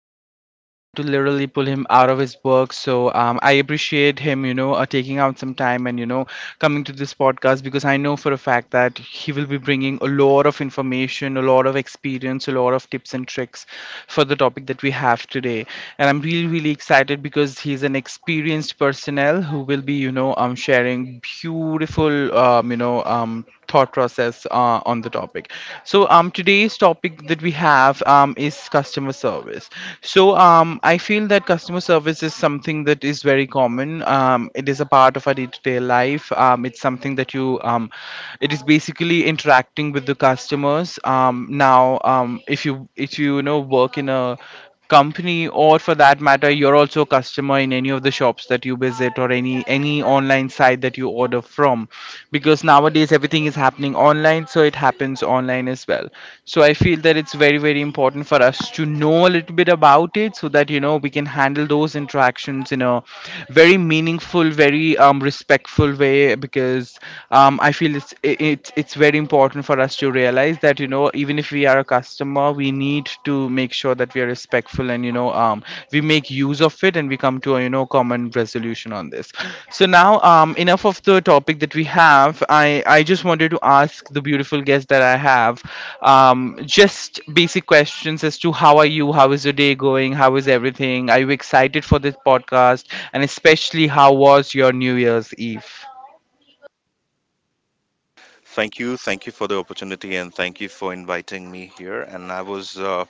do, so I had to literally pull him out of his work. So I appreciate him, you know, taking out some time and coming to this podcast because I know for a fact that he will be bringing a lot of information, a lot of experience, a lot of tips and tricks for the topic that we have today and I'm really, really excited because he's an experienced personnel who will be, you know, sharing beautiful, thought process on the topic. So today's topic that we have is customer service. So, I feel that customer service is something that is very common. It is a part of our day-to-day life. It's something that it is basically interacting with the customers. Now, if you you know, work in a company, or for that matter you're also a customer in any of the shops that you visit or any online site that you order from, because nowadays everything is happening online, so it happens online as well. So I feel that it's very very important for us to know a little bit about it so that you know we can handle those interactions in a very meaningful, very respectful way. Because I feel it's very important for us to realize that you know, even if we are a customer, we need to make sure that we are respectful and we make use of it and we come to a, you know, common resolution on this. So now, enough of the topic that we have. I just wanted to ask the beautiful guest that I have just basic questions as to how are you, how is your day going, how is everything, are you excited for this podcast, and especially how was your New Year's Eve? Thank you. Thank you for the opportunity and thank you for inviting me here.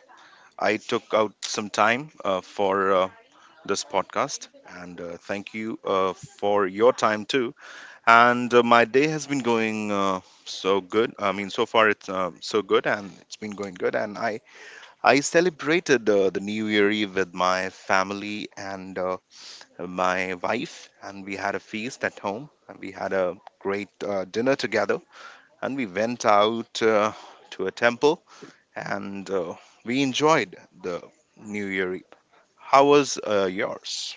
I took out some time for this podcast and thank you for your time too. And my day has been going so good. I mean, so far it's so good and it's been going good. And I celebrated the New Year Eve with my family and my wife, and we had a feast at home and we had a great dinner together and we went out to a temple and we enjoyed the New Year Eve. How was yours?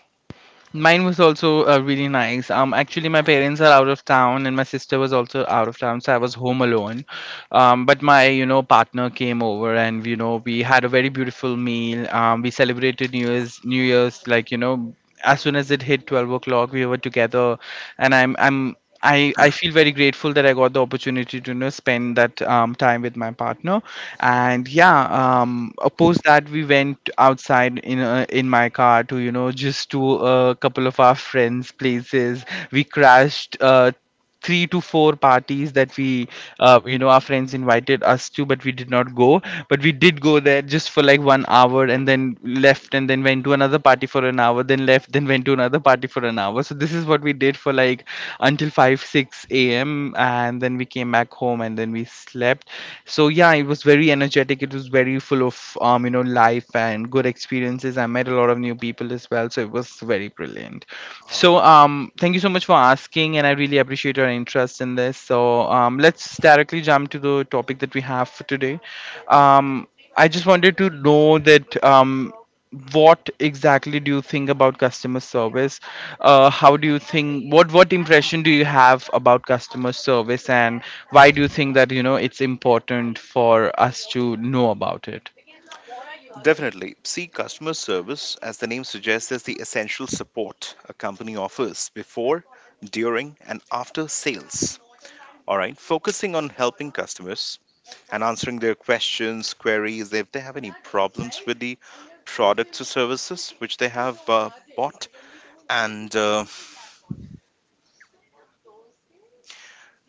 Mine was also really nice. Actually, my parents are out of town, and my sister was also out of town, so I was home alone. But my, you know, partner came over, and you know, we had a very beautiful meal. We celebrated New Year's, like you know, as soon as it hit 12 o'clock we were together, and I feel very grateful that I got the opportunity to, you know, spend that time with my partner, and yeah, post that we went outside in my car to, you know, just to a couple of our friends' places. We crashed three to four parties that we you know, our friends invited us to, but we did not go. But we did go there just for like 1 hour and then left, and then went to another party for an hour, then left, then went to another party for an hour. So this is what we did for like until 5 6 a.m, and then we came back home and then we slept. So yeah, it was very energetic, it was very full of you know, life and good experiences. I met a lot of new people as well, so it was very brilliant. So, thank you so much for asking, and I really appreciate your interest in this. So, let's directly jump to the topic that we have for today. Um, I just wanted to know that what exactly do you think about customer service? How do you think? What impression do you have about customer service, and why do you think that you know it's important for us to know about it? Definitely. See, customer service, as the name suggests, is the essential support a company offers before, during, and after sales. All right, focusing on helping customers and answering their questions, queries, if they have any problems with the products or services which they have bought, and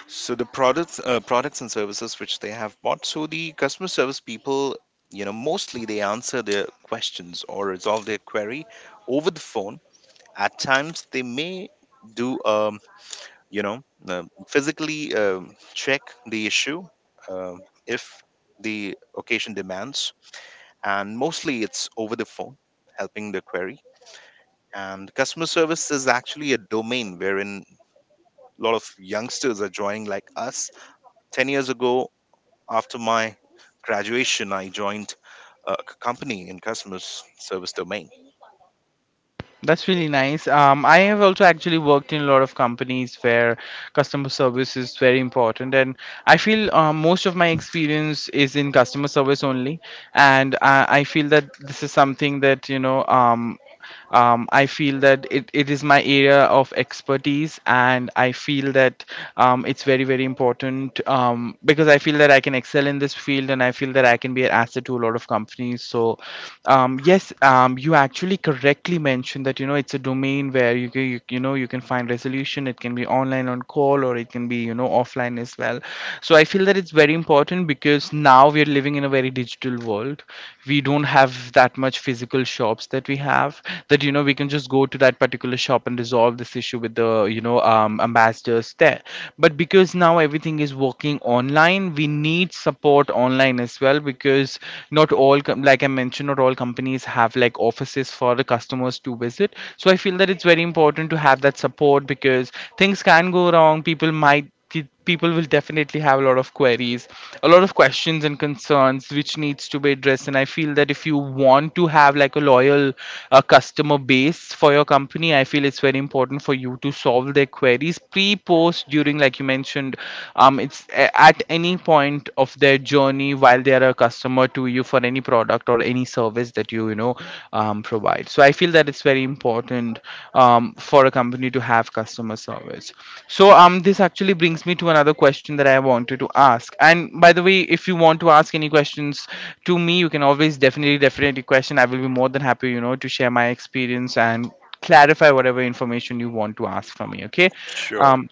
So the products, products and services which they have bought. So the customer service people, you know, mostly they answer their questions or resolve their query over the phone. At times, they may do, um, you know, physically check the issue um if the occasion demands, and mostly it's over the phone, helping the query. And customer service is actually a domain wherein a lot of youngsters are joining, like us, 10 years ago. After my graduation, I joined a company in customer service domain. That's really nice. I have also actually worked in a lot of companies where customer service is very important, and I feel most of my experience is in customer service only. And I feel that this is something that I feel that it is my area of expertise, and I feel that it's very very important, because I feel that I can excel in this field, and I feel that I can be an asset to a lot of companies. Yes, you actually correctly mentioned that you know it's a domain where you you know you can find resolution. It can be online, on call, or it can be, you know, offline as well. So I feel that it's very important because now we are living in a very digital world. We don't have that much physical shops that we have, that you know we can just go to that particular shop and resolve this issue with the, you know, ambassadors there. But because now everything is working online, we need support online as well, because not all com- like I mentioned, not all companies have like offices for the customers to visit. So I feel that it's very important to have that support, because things can go wrong. People will definitely have a lot of queries, a lot of questions and concerns which needs to be addressed. And I feel that if you want to have like a loyal customer base for your company, I feel it's very important for you to solve their queries pre, post, during, like you mentioned. It's at any point of their journey while they are a customer to you for any product or any service that you know, provide. So I feel that it's very important for a company to have customer service. This actually brings me to another question that I wanted to ask. And by the way, if you want to ask any questions to me, you can always definitely question. I will be more than happy, you know, to share my experience and clarify whatever information you want to ask from me, okay. Sure. um,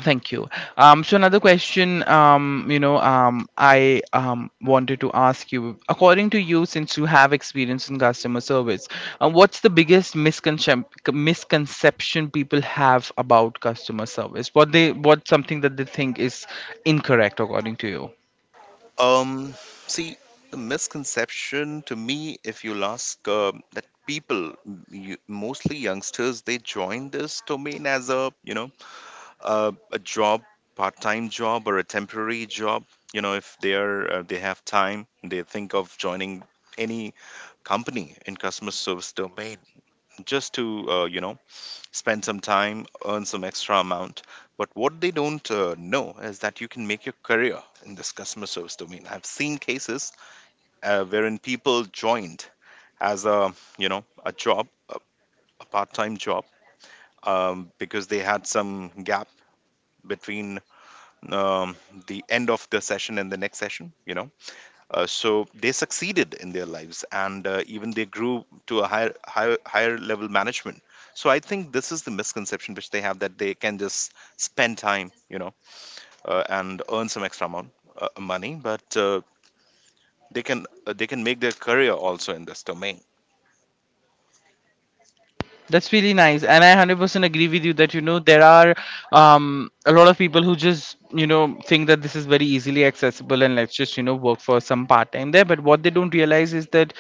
Thank you. So another question, I wanted to ask you, according to you, since you have experience in customer service, what's the biggest misconception people have about customer service? What's something that they think is incorrect, according to you? Um, See, the misconception to me, if you'll ask, that people, mostly youngsters, they join this domain as a, a job, part-time job or a temporary job. You know, if they are, they have time, they think of joining any company in customer service domain just to, you know, spend some time, earn some extra amount. But what they don't know is that you can make your career in this customer service domain. I've seen cases wherein people joined as a, you know, a job, a part-time job, because they had some gap between um, the end of the session and the next session. You know, so they succeeded in their lives, and even they grew to a higher level management. So I think this is the misconception which they have, that they can just spend time, you know, and earn some extra amount money, but they can make their career also in this domain. That's really nice, and I 100% agree with you that you know there are a lot of people who just you know think that this is very easily accessible and let's just you know work for some part time there. But what they don't realize is that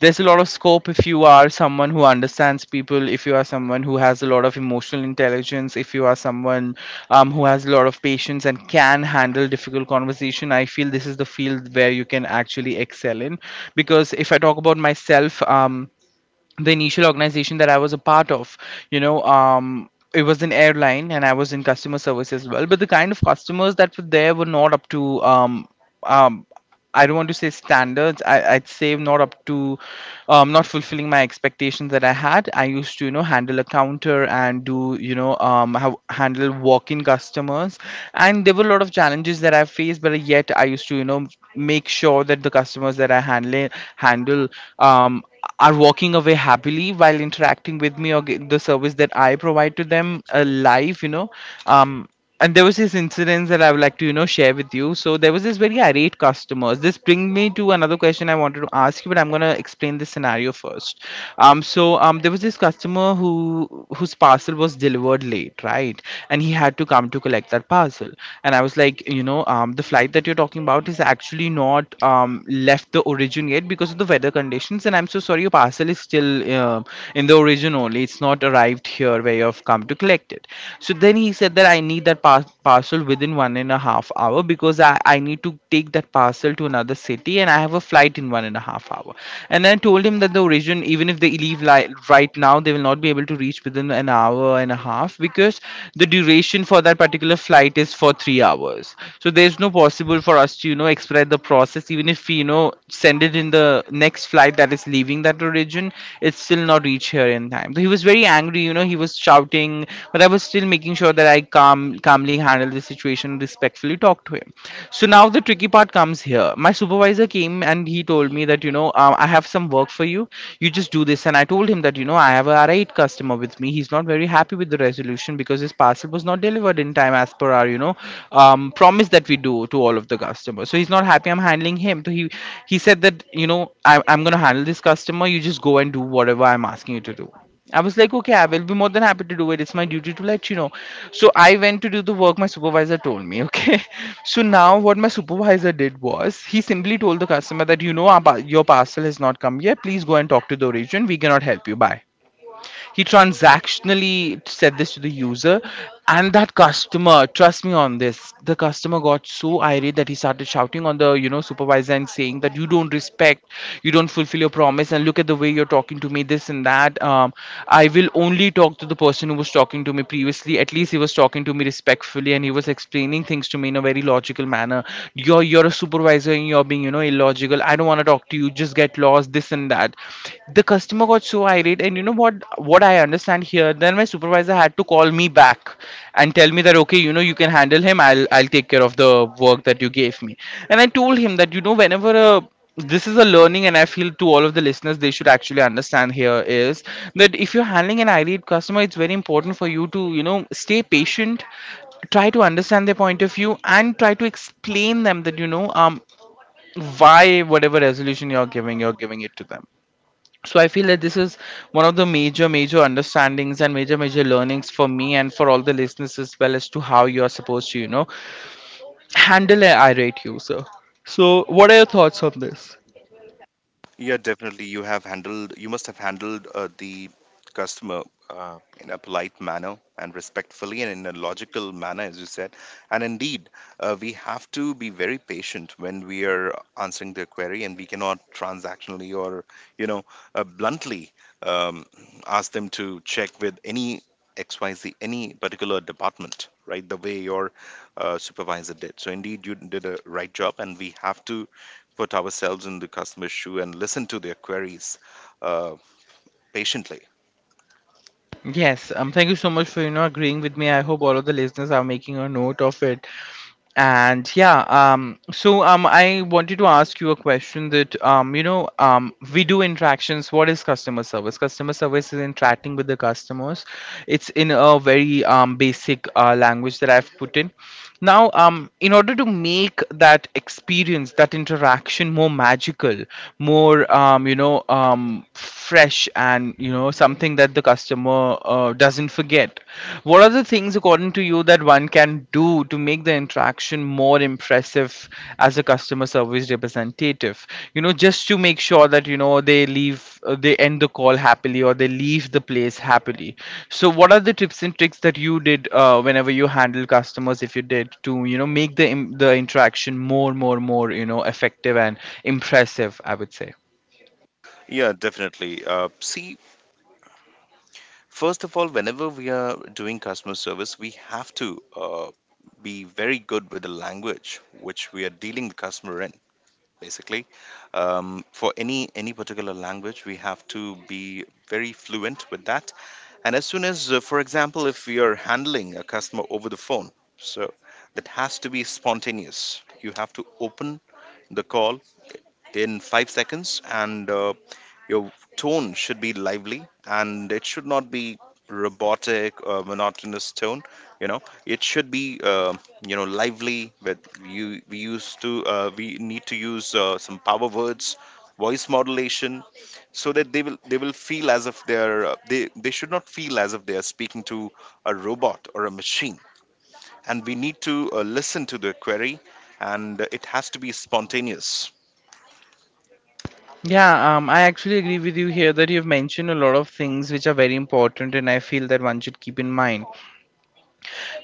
there's a lot of scope if you are someone who understands people, if you are someone who has a lot of emotional intelligence, if you are someone who has a lot of patience and can handle difficult conversation. I feel this is the field where you can actually excel in, because if I talk about myself, the initial organization that I was a part of, you know, it was an airline and I was in customer service as well. But the kind of customers that were there were not up to, um, I don't want to say standards. I'd say not up to, not fulfilling my expectations that I had. I used to, you know, handle a counter and do, you know, how handle walk-in customers, and there were a lot of challenges that I faced. But yet I used to, you know, make sure that the customers that I handle um, are walking away happily while interacting with me, or get the service that I provide to them live, you know. Um, and there was this incident that I would like to, you know, share with you. So there was this very irate customers. This bring me to another question I wanted to ask you, but I'm gonna explain this scenario first. So there was this customer whose parcel was delivered late, right? And he had to come to collect that parcel, and I was like, the flight that you're talking about is actually not left the origin yet because of the weather conditions, and I'm so sorry your parcel is still uh, in the origin only. It's not arrived here where you've come to collect it. So then he said that I need that parcel within 1.5 hour because I need to take that parcel to another city, and I have a flight in 1.5 hour. And I told him that the origin, even if they right now, they will not be able to reach within an hour and a half, because the duration for that particular flight is for 3 hours. So there's no possible for us to expedite the process, even if we send it in the next flight that is leaving that origin. It's still not reach here in time. So he was very angry. You know, he was shouting, but I was still making sure that I calmly handle the situation, respectfully talk to way. So now the tricky part comes here. My supervisor came and he told me that, I have some work for you. You just do this. And I told him that, you know, I have a R8 customer with me. He's not very happy with the resolution because his parcel was not delivered in time as per our, promise that we do to all of the customers. So he's not happy. I'm handling him. So he said that, you know, I'm going to handle this customer. You just go and do whatever I'm asking you to do. I was like, okay, I will be more than happy to do it. It's my duty to let you know. So I went to do the work my supervisor told me. Okay. So now what my supervisor did was he simply told the customer that, you know, your parcel has not come yet. Please go and talk to the origin. We cannot help you. Bye. He transactionally said this to the user. And that customer, trust me on this, the customer got so irate that he started shouting on the, you know, supervisor and saying that you don't respect, you don't fulfill your promise, and look at the way you're talking to me, this and that. I will only talk to the person who was talking to me previously. At least he was talking to me respectfully and he was explaining things to me in a very logical manner. You're a supervisor and you're being, you know, illogical. I don't want to talk to you, just get lost. This and that. The customer got so irate, and you know what? What I understand here, then my supervisor had to call me back and tell me that, okay, you know, you can handle him. I'll take care of the work that you gave me. And I told him that, you know, whenever a, this is a learning, and I feel to all of the listeners they should actually understand here is that if you're handling an irate customer, it's very important for you to, you know, stay patient, try to understand their point of view, and try to explain them that, why whatever resolution you're giving, you're giving it to them. So I feel that this is one of the major major understandings and major major learnings for me and for all the listeners as well, as to how you are supposed to, you know, handle an irate user. So, what are your thoughts on this? Yeah, definitely. You must have handled the customer in a polite manner and respectfully and in a logical manner, as you said. And indeed, we have to be very patient when we are answering their query, and we cannot transactionally or, you know, bluntly um, ask them to check with any XYZ, any particular department, right? The way your supervisor did. So, indeed, you did a right job, and we have to put ourselves in the customer's shoe and listen to their queries uh, patiently. Yes. Thank you so much for, you know, agreeing with me. I hope all of the listeners are making a note of it. And yeah, I wanted to ask you a question that, we do interactions. What is customer service? Customer service is interacting with the customers. It's in a very basic language that I've put in. Now, in order to make that experience, that interaction more magical, more, fresh and, you know, something that the customer doesn't forget, what are the things, according to you, that one can do to make the interaction more impressive as a customer service representative, you know, just to make sure that, you know, they leave, they end the call happily, or they leave the place happily. So what are the tips and tricks that you did, whenever you handle customers, if you did, to, you know, make the interaction more, you know, effective and impressive, I would say. Yeah, definitely. See, first of all, whenever we are doing customer service, we have to be very good with the language which we are dealing the customer in. Basically, for any particular language, we have to be very fluent with that. And as soon as, for example, if we are handling a customer over the phone, so that has to be spontaneous. You have to open the call in 5 seconds, and your tone should be lively and it should not be robotic or monotonous tone. You know, it should be you know, lively, but you we used to, we need to use some power words, voice modulation, so that they will feel as if they they should not feel as if they are speaking to a robot or a machine. And we need to listen to the query, and it has to be spontaneous. Yeah, I actually agree with you here that you've mentioned a lot of things which are very important, and I feel that one should keep in mind.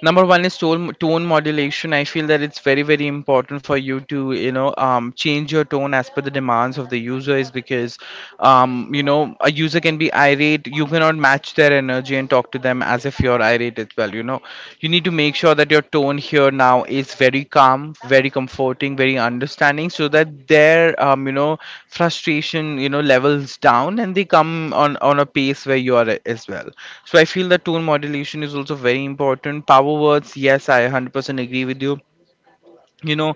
Number one is tone modulation. I feel that it's very important for you to, change your tone as per the demands of the user is, because you know, a user can be irate. You cannot match their energy and talk to them as if you're irate as well, you know. You need to make sure that your tone here now is very calm, very comforting, very understanding, so that their, frustration, you know, levels down, and they come on a pace where you are, as well. So I feel that tone modulation is also very important. Power words, yes, I 100% agree with you. You know,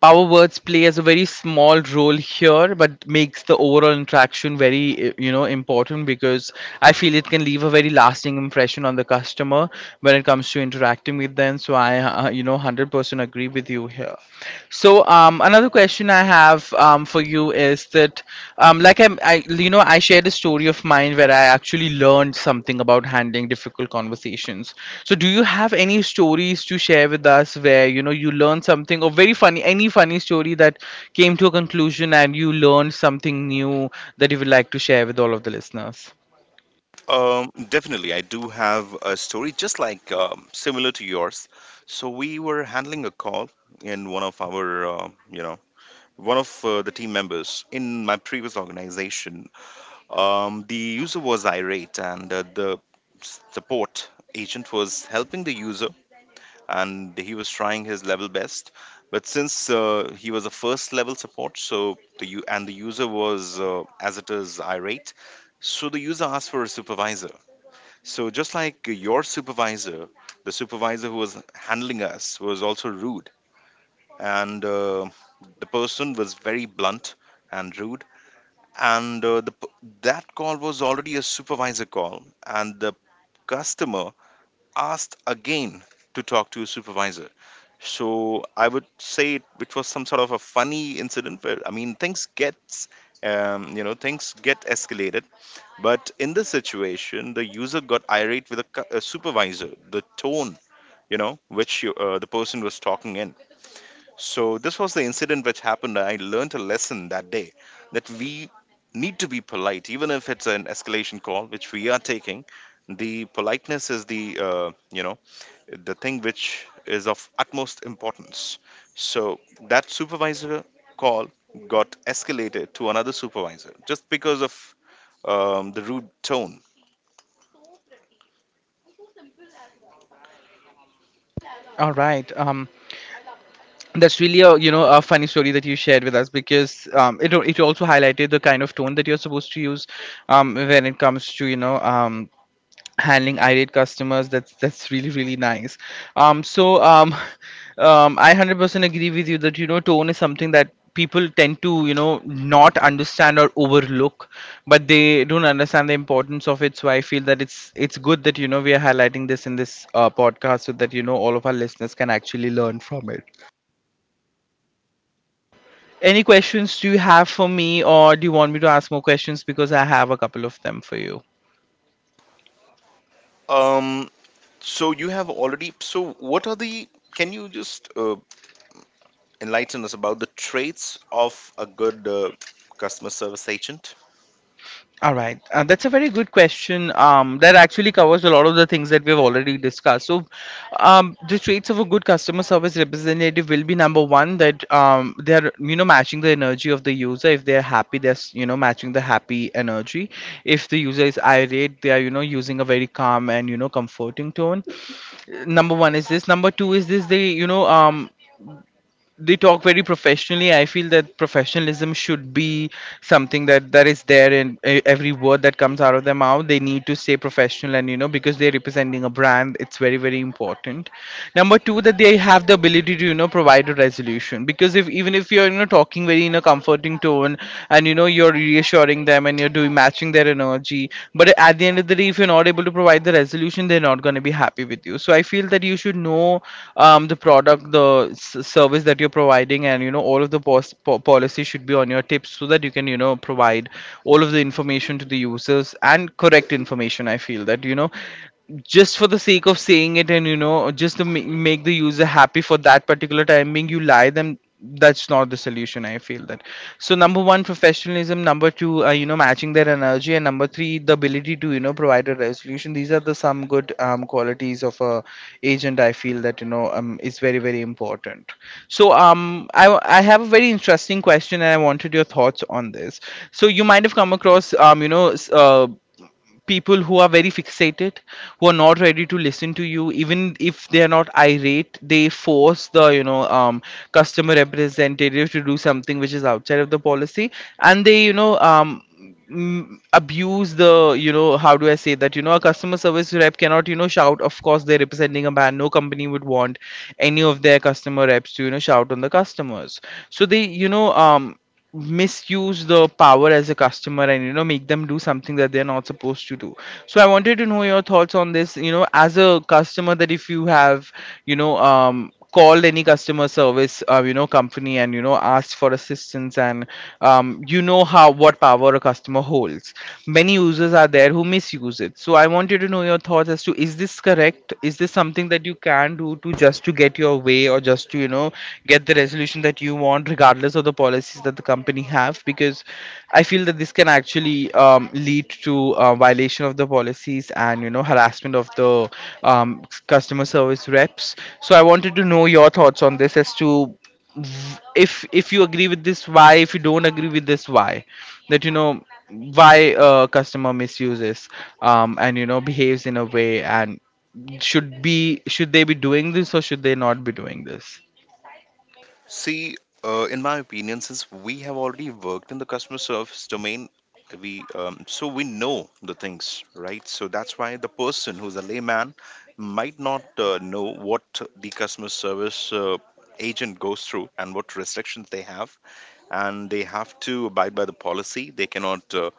power words play as a very small role here, but makes the overall interaction very, important, because I feel it can leave a very lasting impression on the customer when it comes to interacting with them. So I, 100% agree with you here. So another question I have for you is that, like you know, I shared a story of mine where I actually learned something about handling difficult conversations. So do you have any stories to share with us where, you know, you learned something, or very funny, any funny story that came to a conclusion and you learned something new that you would like to share with all of the listeners? Definitely, I do have a story just similar to yours. So we were handling a call in one of our, one of the team members in my previous organization. The user was irate, and the support agent was helping the user, and he was trying his level best. But since he was a first level support, so and the user was as it is irate, so the user asked for a supervisor. So, just like your supervisor, the supervisor who was handling us was also rude, and the person was very blunt and rude. And that call was already a supervisor call, and the customer asked again to talk to a supervisor. So I would say it was some sort of a funny incident where, I mean, things gets you know, things get escalated. But in this situation, the user got irate with a supervisor, the tone, you know, which the person was talking in. So, this was the incident which happened. I learned a lesson that day that we need to be polite, even if it's an escalation call, which we are taking. The politeness is the, the thing which is of utmost importance. So, that supervisor call got escalated to another supervisor just because of the rude tone. All right. That's really, a you know, a funny story that you shared with us, because it also highlighted the kind of tone that you're supposed to use, when it comes to, handling irate customers. That's really nice. um so um I 100% agree with you that, you know, tone is something that people tend to, you know, not understand or overlook, but they don't understand the importance of it. So I feel that it's good that, you know, we are highlighting this in this podcast, so that, you know, all of our listeners can actually learn from it. Any questions do you have for me, or do you want me to ask more questions, because I have a couple of them for you. Um, so you have already. So what are the? Can you just enlighten us about the traits of a good customer service agent? All right, that's a very good question. That actually covers a lot of the things that we've already discussed. So, the traits of a good customer service representative will be, number one, that they're, you know, matching the energy of the user. If they're happy, they're, you know, matching the happy energy. If the user is irate, they are, you know, using a very calm and, you know, comforting tone. Number one is this. Number two is this. They, they talk very professionally. I feel that professionalism should be something that is there in every word that comes out of their mouth. They need to stay professional, and, you know, because they're representing a brand, it's very important. Number two, that they have the ability to, you know, provide a resolution. Because if, even if you're, you know, talking very, in a comforting tone, and, you know, you're reassuring them, and you're doing matching their energy, but at the end of the day, if you're not able to provide the resolution, they're not going to be happy with you. So I feel that you should know the product, the service that you're providing, and, you know, all of the policy should be on your tips, so that you can, you know, provide all of the information to the users, and correct information. I feel that, you know, just for the sake of saying it, and, you know, just to make the user happy for that particular time being, you lie them, that's not the solution. I feel that. So, number one, professionalism. Number two, you know, matching their energy. And number three, the ability to, you know, provide a resolution. These are the some good qualities of a agent. I feel that, is very important. So um, I have a very interesting question and I wanted your thoughts on this. So you might have come across, people who are very fixated, who are not ready to listen to you. Even if they are not irate, they force the, customer representative to do something which is outside of the policy. And they, abuse the, you know, how do I say that, you know, a customer service rep cannot You know, shout. Of course they're representing a brand. No company would want any of their customer reps to, you know, shout on the customers. So they, you know, misuse the power as a customer and, you know, make them do something that they're not supposed to do. So I wanted to know your thoughts on this, you know, as a customer, that if you have, you know, called any customer service you know, company and, you know, asked for assistance, and you know, how, what power a customer holds. Many users are there who misuse it, so I wanted to know your thoughts as to, is this correct? Is this something that you can do to just to get your way, or just to, you know, get the resolution that you want regardless of the policies that the company have? Because I feel that this can actually lead to violation of the policies and, you know, harassment of the um, customer service reps. So I wanted to know your thoughts on this as to, if you agree with this, why? If you don't agree with this, why? That, you know, why a customer misuses, and, you know, behaves in a way, and should be, should they be doing this or should they not be doing this? See, in my opinion, since we have already worked in the customer service domain, we so we know the things, right? So that's why the person who's a layman might not know what the customer service agent goes through and what restrictions they have, and they have to abide by the policy. They cannot, uh,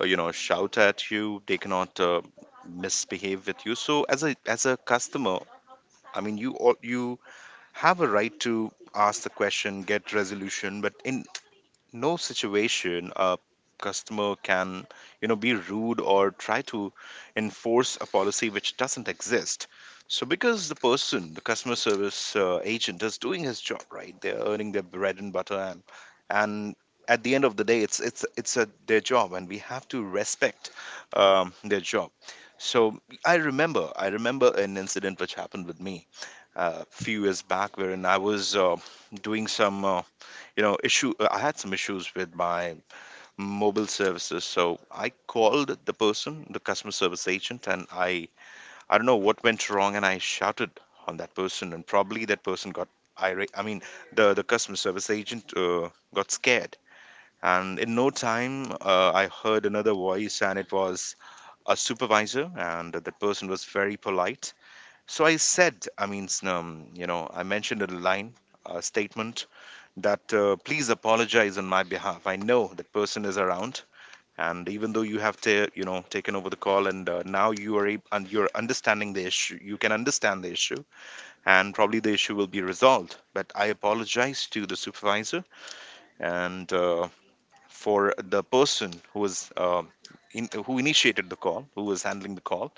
uh, you know, shout at you. They cannot misbehave with you. So, as a customer, I mean, you have a right to ask the question, get resolution. But in no situation a customer can, you know, be rude or try to enforce a policy which doesn't exist. So, because the person, the customer service agent, is doing his job right, they're earning their bread and butter, and at the end of the day, it's their job, and we have to respect their job. So, I remember an incident which happened with me a few years back wherein I was doing some you know issue. I had some issues with my mobile services, so I called the customer service agent, and I don't know what went wrong, and I shouted on that person, and probably that person got irate. I mean, the customer service agent got scared, and in no time I heard another voice, and it was a supervisor, and that person was very polite. So I said, I mean, you know, I mentioned a line, a statement, that please apologize on my behalf. I know that person is around, and even though you have you know, taken over the call, and now you are and you're understanding the issue, you can understand the issue, and probably the issue will be resolved. But I apologize to the supervisor, and for the person who was. Who initiated the call, who was handling the call,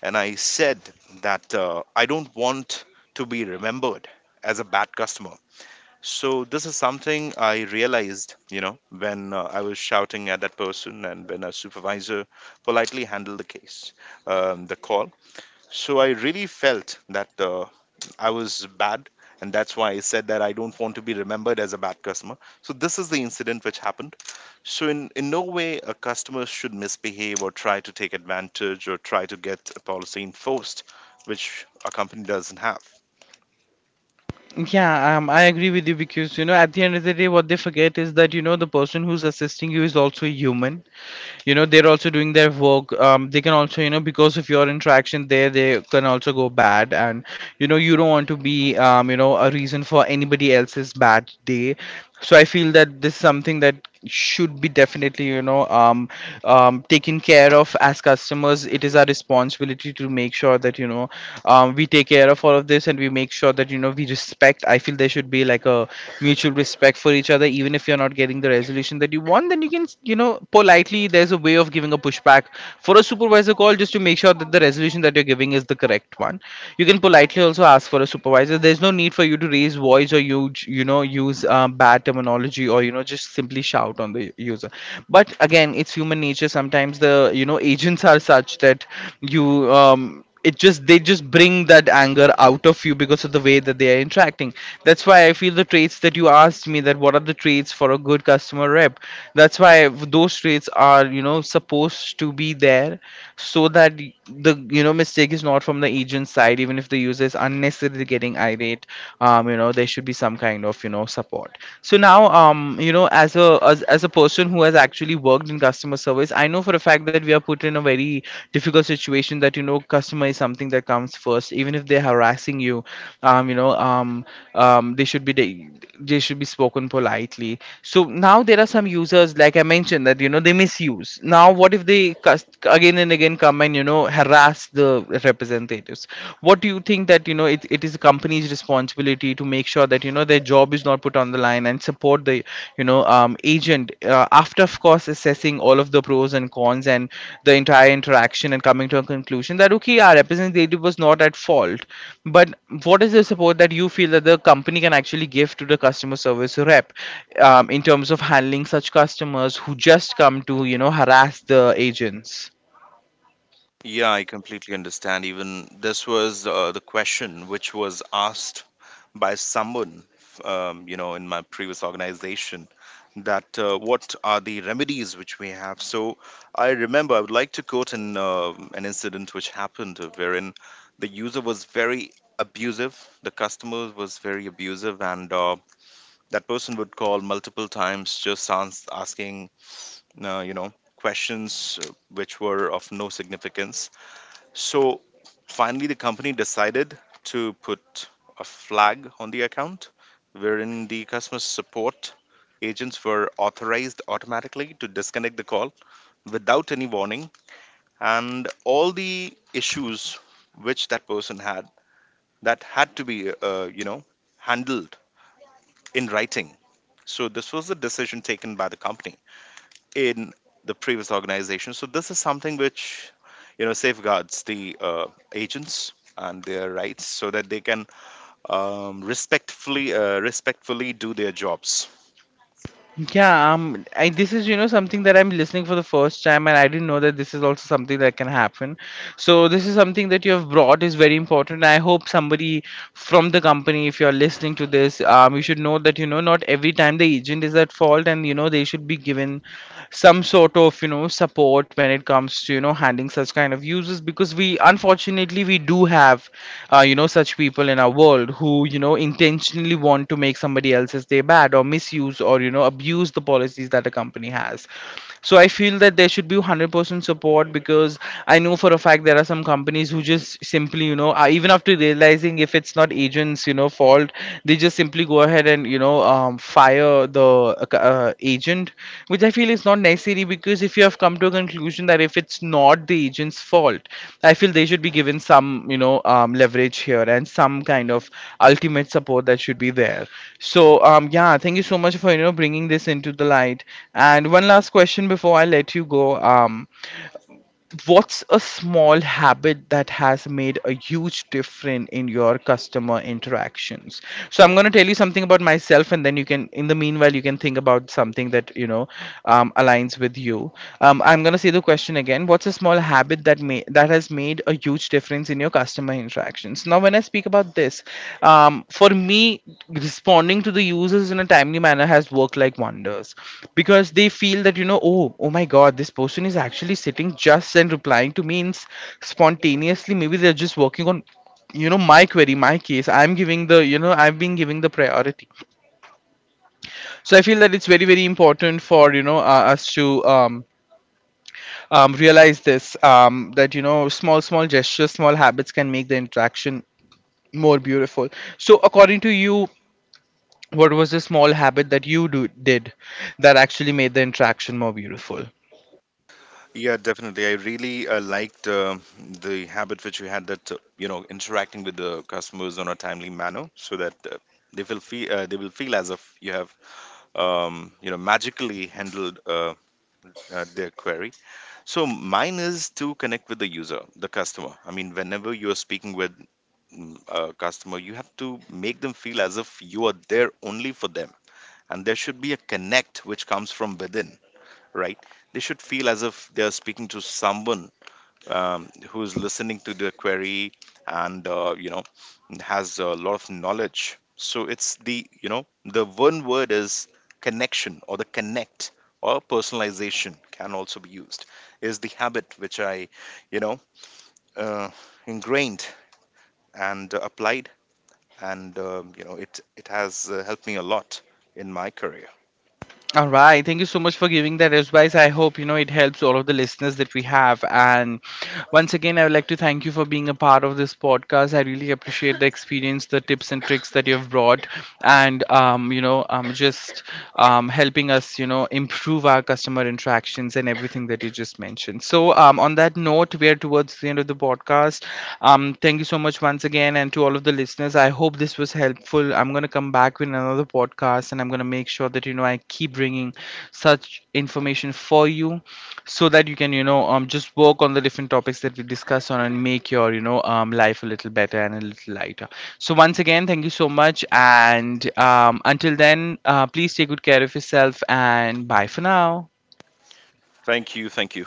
and I said that I don't want to be remembered as a bad customer. So this is something I realized, you know, when I was shouting at that person, and when a supervisor politely handled the case, the call. So I really felt that I was bad, and that's why I said that I don't want to be remembered as a bad customer. So this is the incident which happened. So in no way a customer should misbehave or try to take advantage or try to get a policy enforced, which a company doesn't have. Yeah, I agree with you, because, you know, at the end of the day, what they forget is that, you know, the person who's assisting you is also a human. You know, they're also doing their work. They can also, you know, because of your interaction there, they can also go bad, and you know, you don't want to be you know, a reason for anybody else's bad day. So I feel that this is something that should be, definitely, you know, taken care of. As customers, it is our responsibility to make sure that, you know, we take care of all of this, and we make sure that, you know, we respect. I feel there should be like a mutual respect for each other. Even if you're not getting the resolution that you want, then you can, you know, politely, there's a way of giving a pushback for a supervisor call just to make sure that the resolution that you're giving is the correct one. You can politely also ask for a supervisor. There's no need for you to raise voice or you know, use bad terminology, or you know, just simply shout on the user. But again, it's human nature. Sometimes the, you know, agents are such that you, um it just, they just bring that anger out of you because of the way that they are interacting. That's why I feel the traits that you asked me, that what are the traits for a good customer rep, that's why those traits are, you know, supposed to be there, so that the, you know, mistake is not from the agent side, even if the user is unnecessarily getting irate. You know, there should be some kind of, you know, support. So now, you know, as a as a person who has actually worked in customer service, I know for a fact that we are put in a very difficult situation, that, you know, customer is something that comes first, even if they're harassing you. You know, they should be, they should be spoken politely. So now there are some users, like I mentioned, that, you know, they misuse. Now what if they again and again come and, you know, harass as the representatives? What do you think, that, you know, it is a company's responsibility to make sure that, you know, their job is not put on the line, and support the, you know, agent, after, of course, assessing all of the pros and cons and the entire interaction and coming to a conclusion that okay, our representative was not at fault. But what is the support that you feel that the company can actually give to the customer service rep in terms of handling such customers who just come to, you know, harass the agents? Yeah, I completely understand. Even this was the question which was asked by someone, you know, in my previous organization, that what are the remedies which we have. So, I remember, I would like to quote an incident which happened wherein the user was very abusive, the customer was very abusive, and that person would call multiple times just asking, questions which were of no significance. So finally, the company decided to put a flag on the account wherein the customer support agents were authorized automatically to disconnect the call without any warning, and all the issues which that person had, that had to be handled in writing. So this was the decision taken by the company in the previous organization. So this is something which, you know, safeguards the agents and their rights, so that they can respectfully do their jobs. Yeah, this is, you know, something that I'm listening for the first time, and I didn't know that this is also something that can happen. So this is something that you have brought is very important. I hope somebody from the company, if you're listening to this, you should know that, you know, not every time the agent is at fault, and you know, they should be given some sort of, you know, support when it comes to, you know, handling such kind of users, because we, unfortunately, we do have you know, such people in our world who, you know, intentionally want to make somebody else's day bad, or misuse or, you know, abuse the policies that a company has. So I feel that there should be 100% support, because I know for a fact there are some companies who just simply, you know, are, even after realizing if it's not agents, you know, fault, they just simply go ahead and, you know, fire the agent, which I feel is not necessary, because if you have come to a conclusion that if it's not the agent's fault, I feel they should be given some, you know, leverage here, and some kind of ultimate support that should be there. So yeah, thank you so much for, you know, bringing this into the light. And one last question before I let you go. um, what's a small habit that has made a huge difference in your customer interactions? So I'm going to tell you something about myself, and then you can, in the meanwhile, you can think about something that you know aligns with you. I'm going to say the question again. What's a small habit that may that has made a huge difference in your customer interactions? Now, when I speak about this, for me, responding to the users in a timely manner has worked like wonders, because they feel that, you know, oh, oh my God, this person is actually sitting just and replying to me in spontaneously. Maybe they're just working on, you know, my query, my case, I'm giving the, you know, I've been giving the priority. So I feel that it's very, very important for, you know, us to realize this, that, you know, small, small gestures, small habits can make the interaction more beautiful. So, according to you, what was the small habit that you do did that actually made the interaction more beautiful? Yeah, definitely. I really liked the habit which you had, that you know, interacting with the customers on a timely manner, so that they will feel as if you have you know, magically handled their query. So mine is to connect with the user, the customer. I mean, whenever you're speaking with a customer, you have to make them feel as if you are there only for them. And there should be a connect which comes from within, right? They should feel as if they are speaking to someone who's listening to the query and, you know, has a lot of knowledge. So it's the, you know, the one word is connection, or the connect, or personalization can also be used, is the habit which I, you know uh, ingrained and applied, and, you know, it has helped me a lot in my career. All right. Thank you so much for giving that advice. I hope, you know, it helps all of the listeners that we have. And once again, I would like to thank you for being a part of this podcast. I really appreciate the experience, the tips and tricks that you've brought, and you know, just helping us, you know, improve our customer interactions and everything that you just mentioned. So, on that note, we are towards the end of the podcast. Thank you so much once again, and to all of the listeners, I hope this was helpful. I'm gonna come back with another podcast, and I'm gonna make sure that, you know, I keep bringing such information for you, so that you can, you know, just work on the different topics that we discuss on, and make your, you know, life a little better and a little lighter. So once again, thank you so much, and until then, please take good care of yourself, and bye for now. Thank you. Thank you.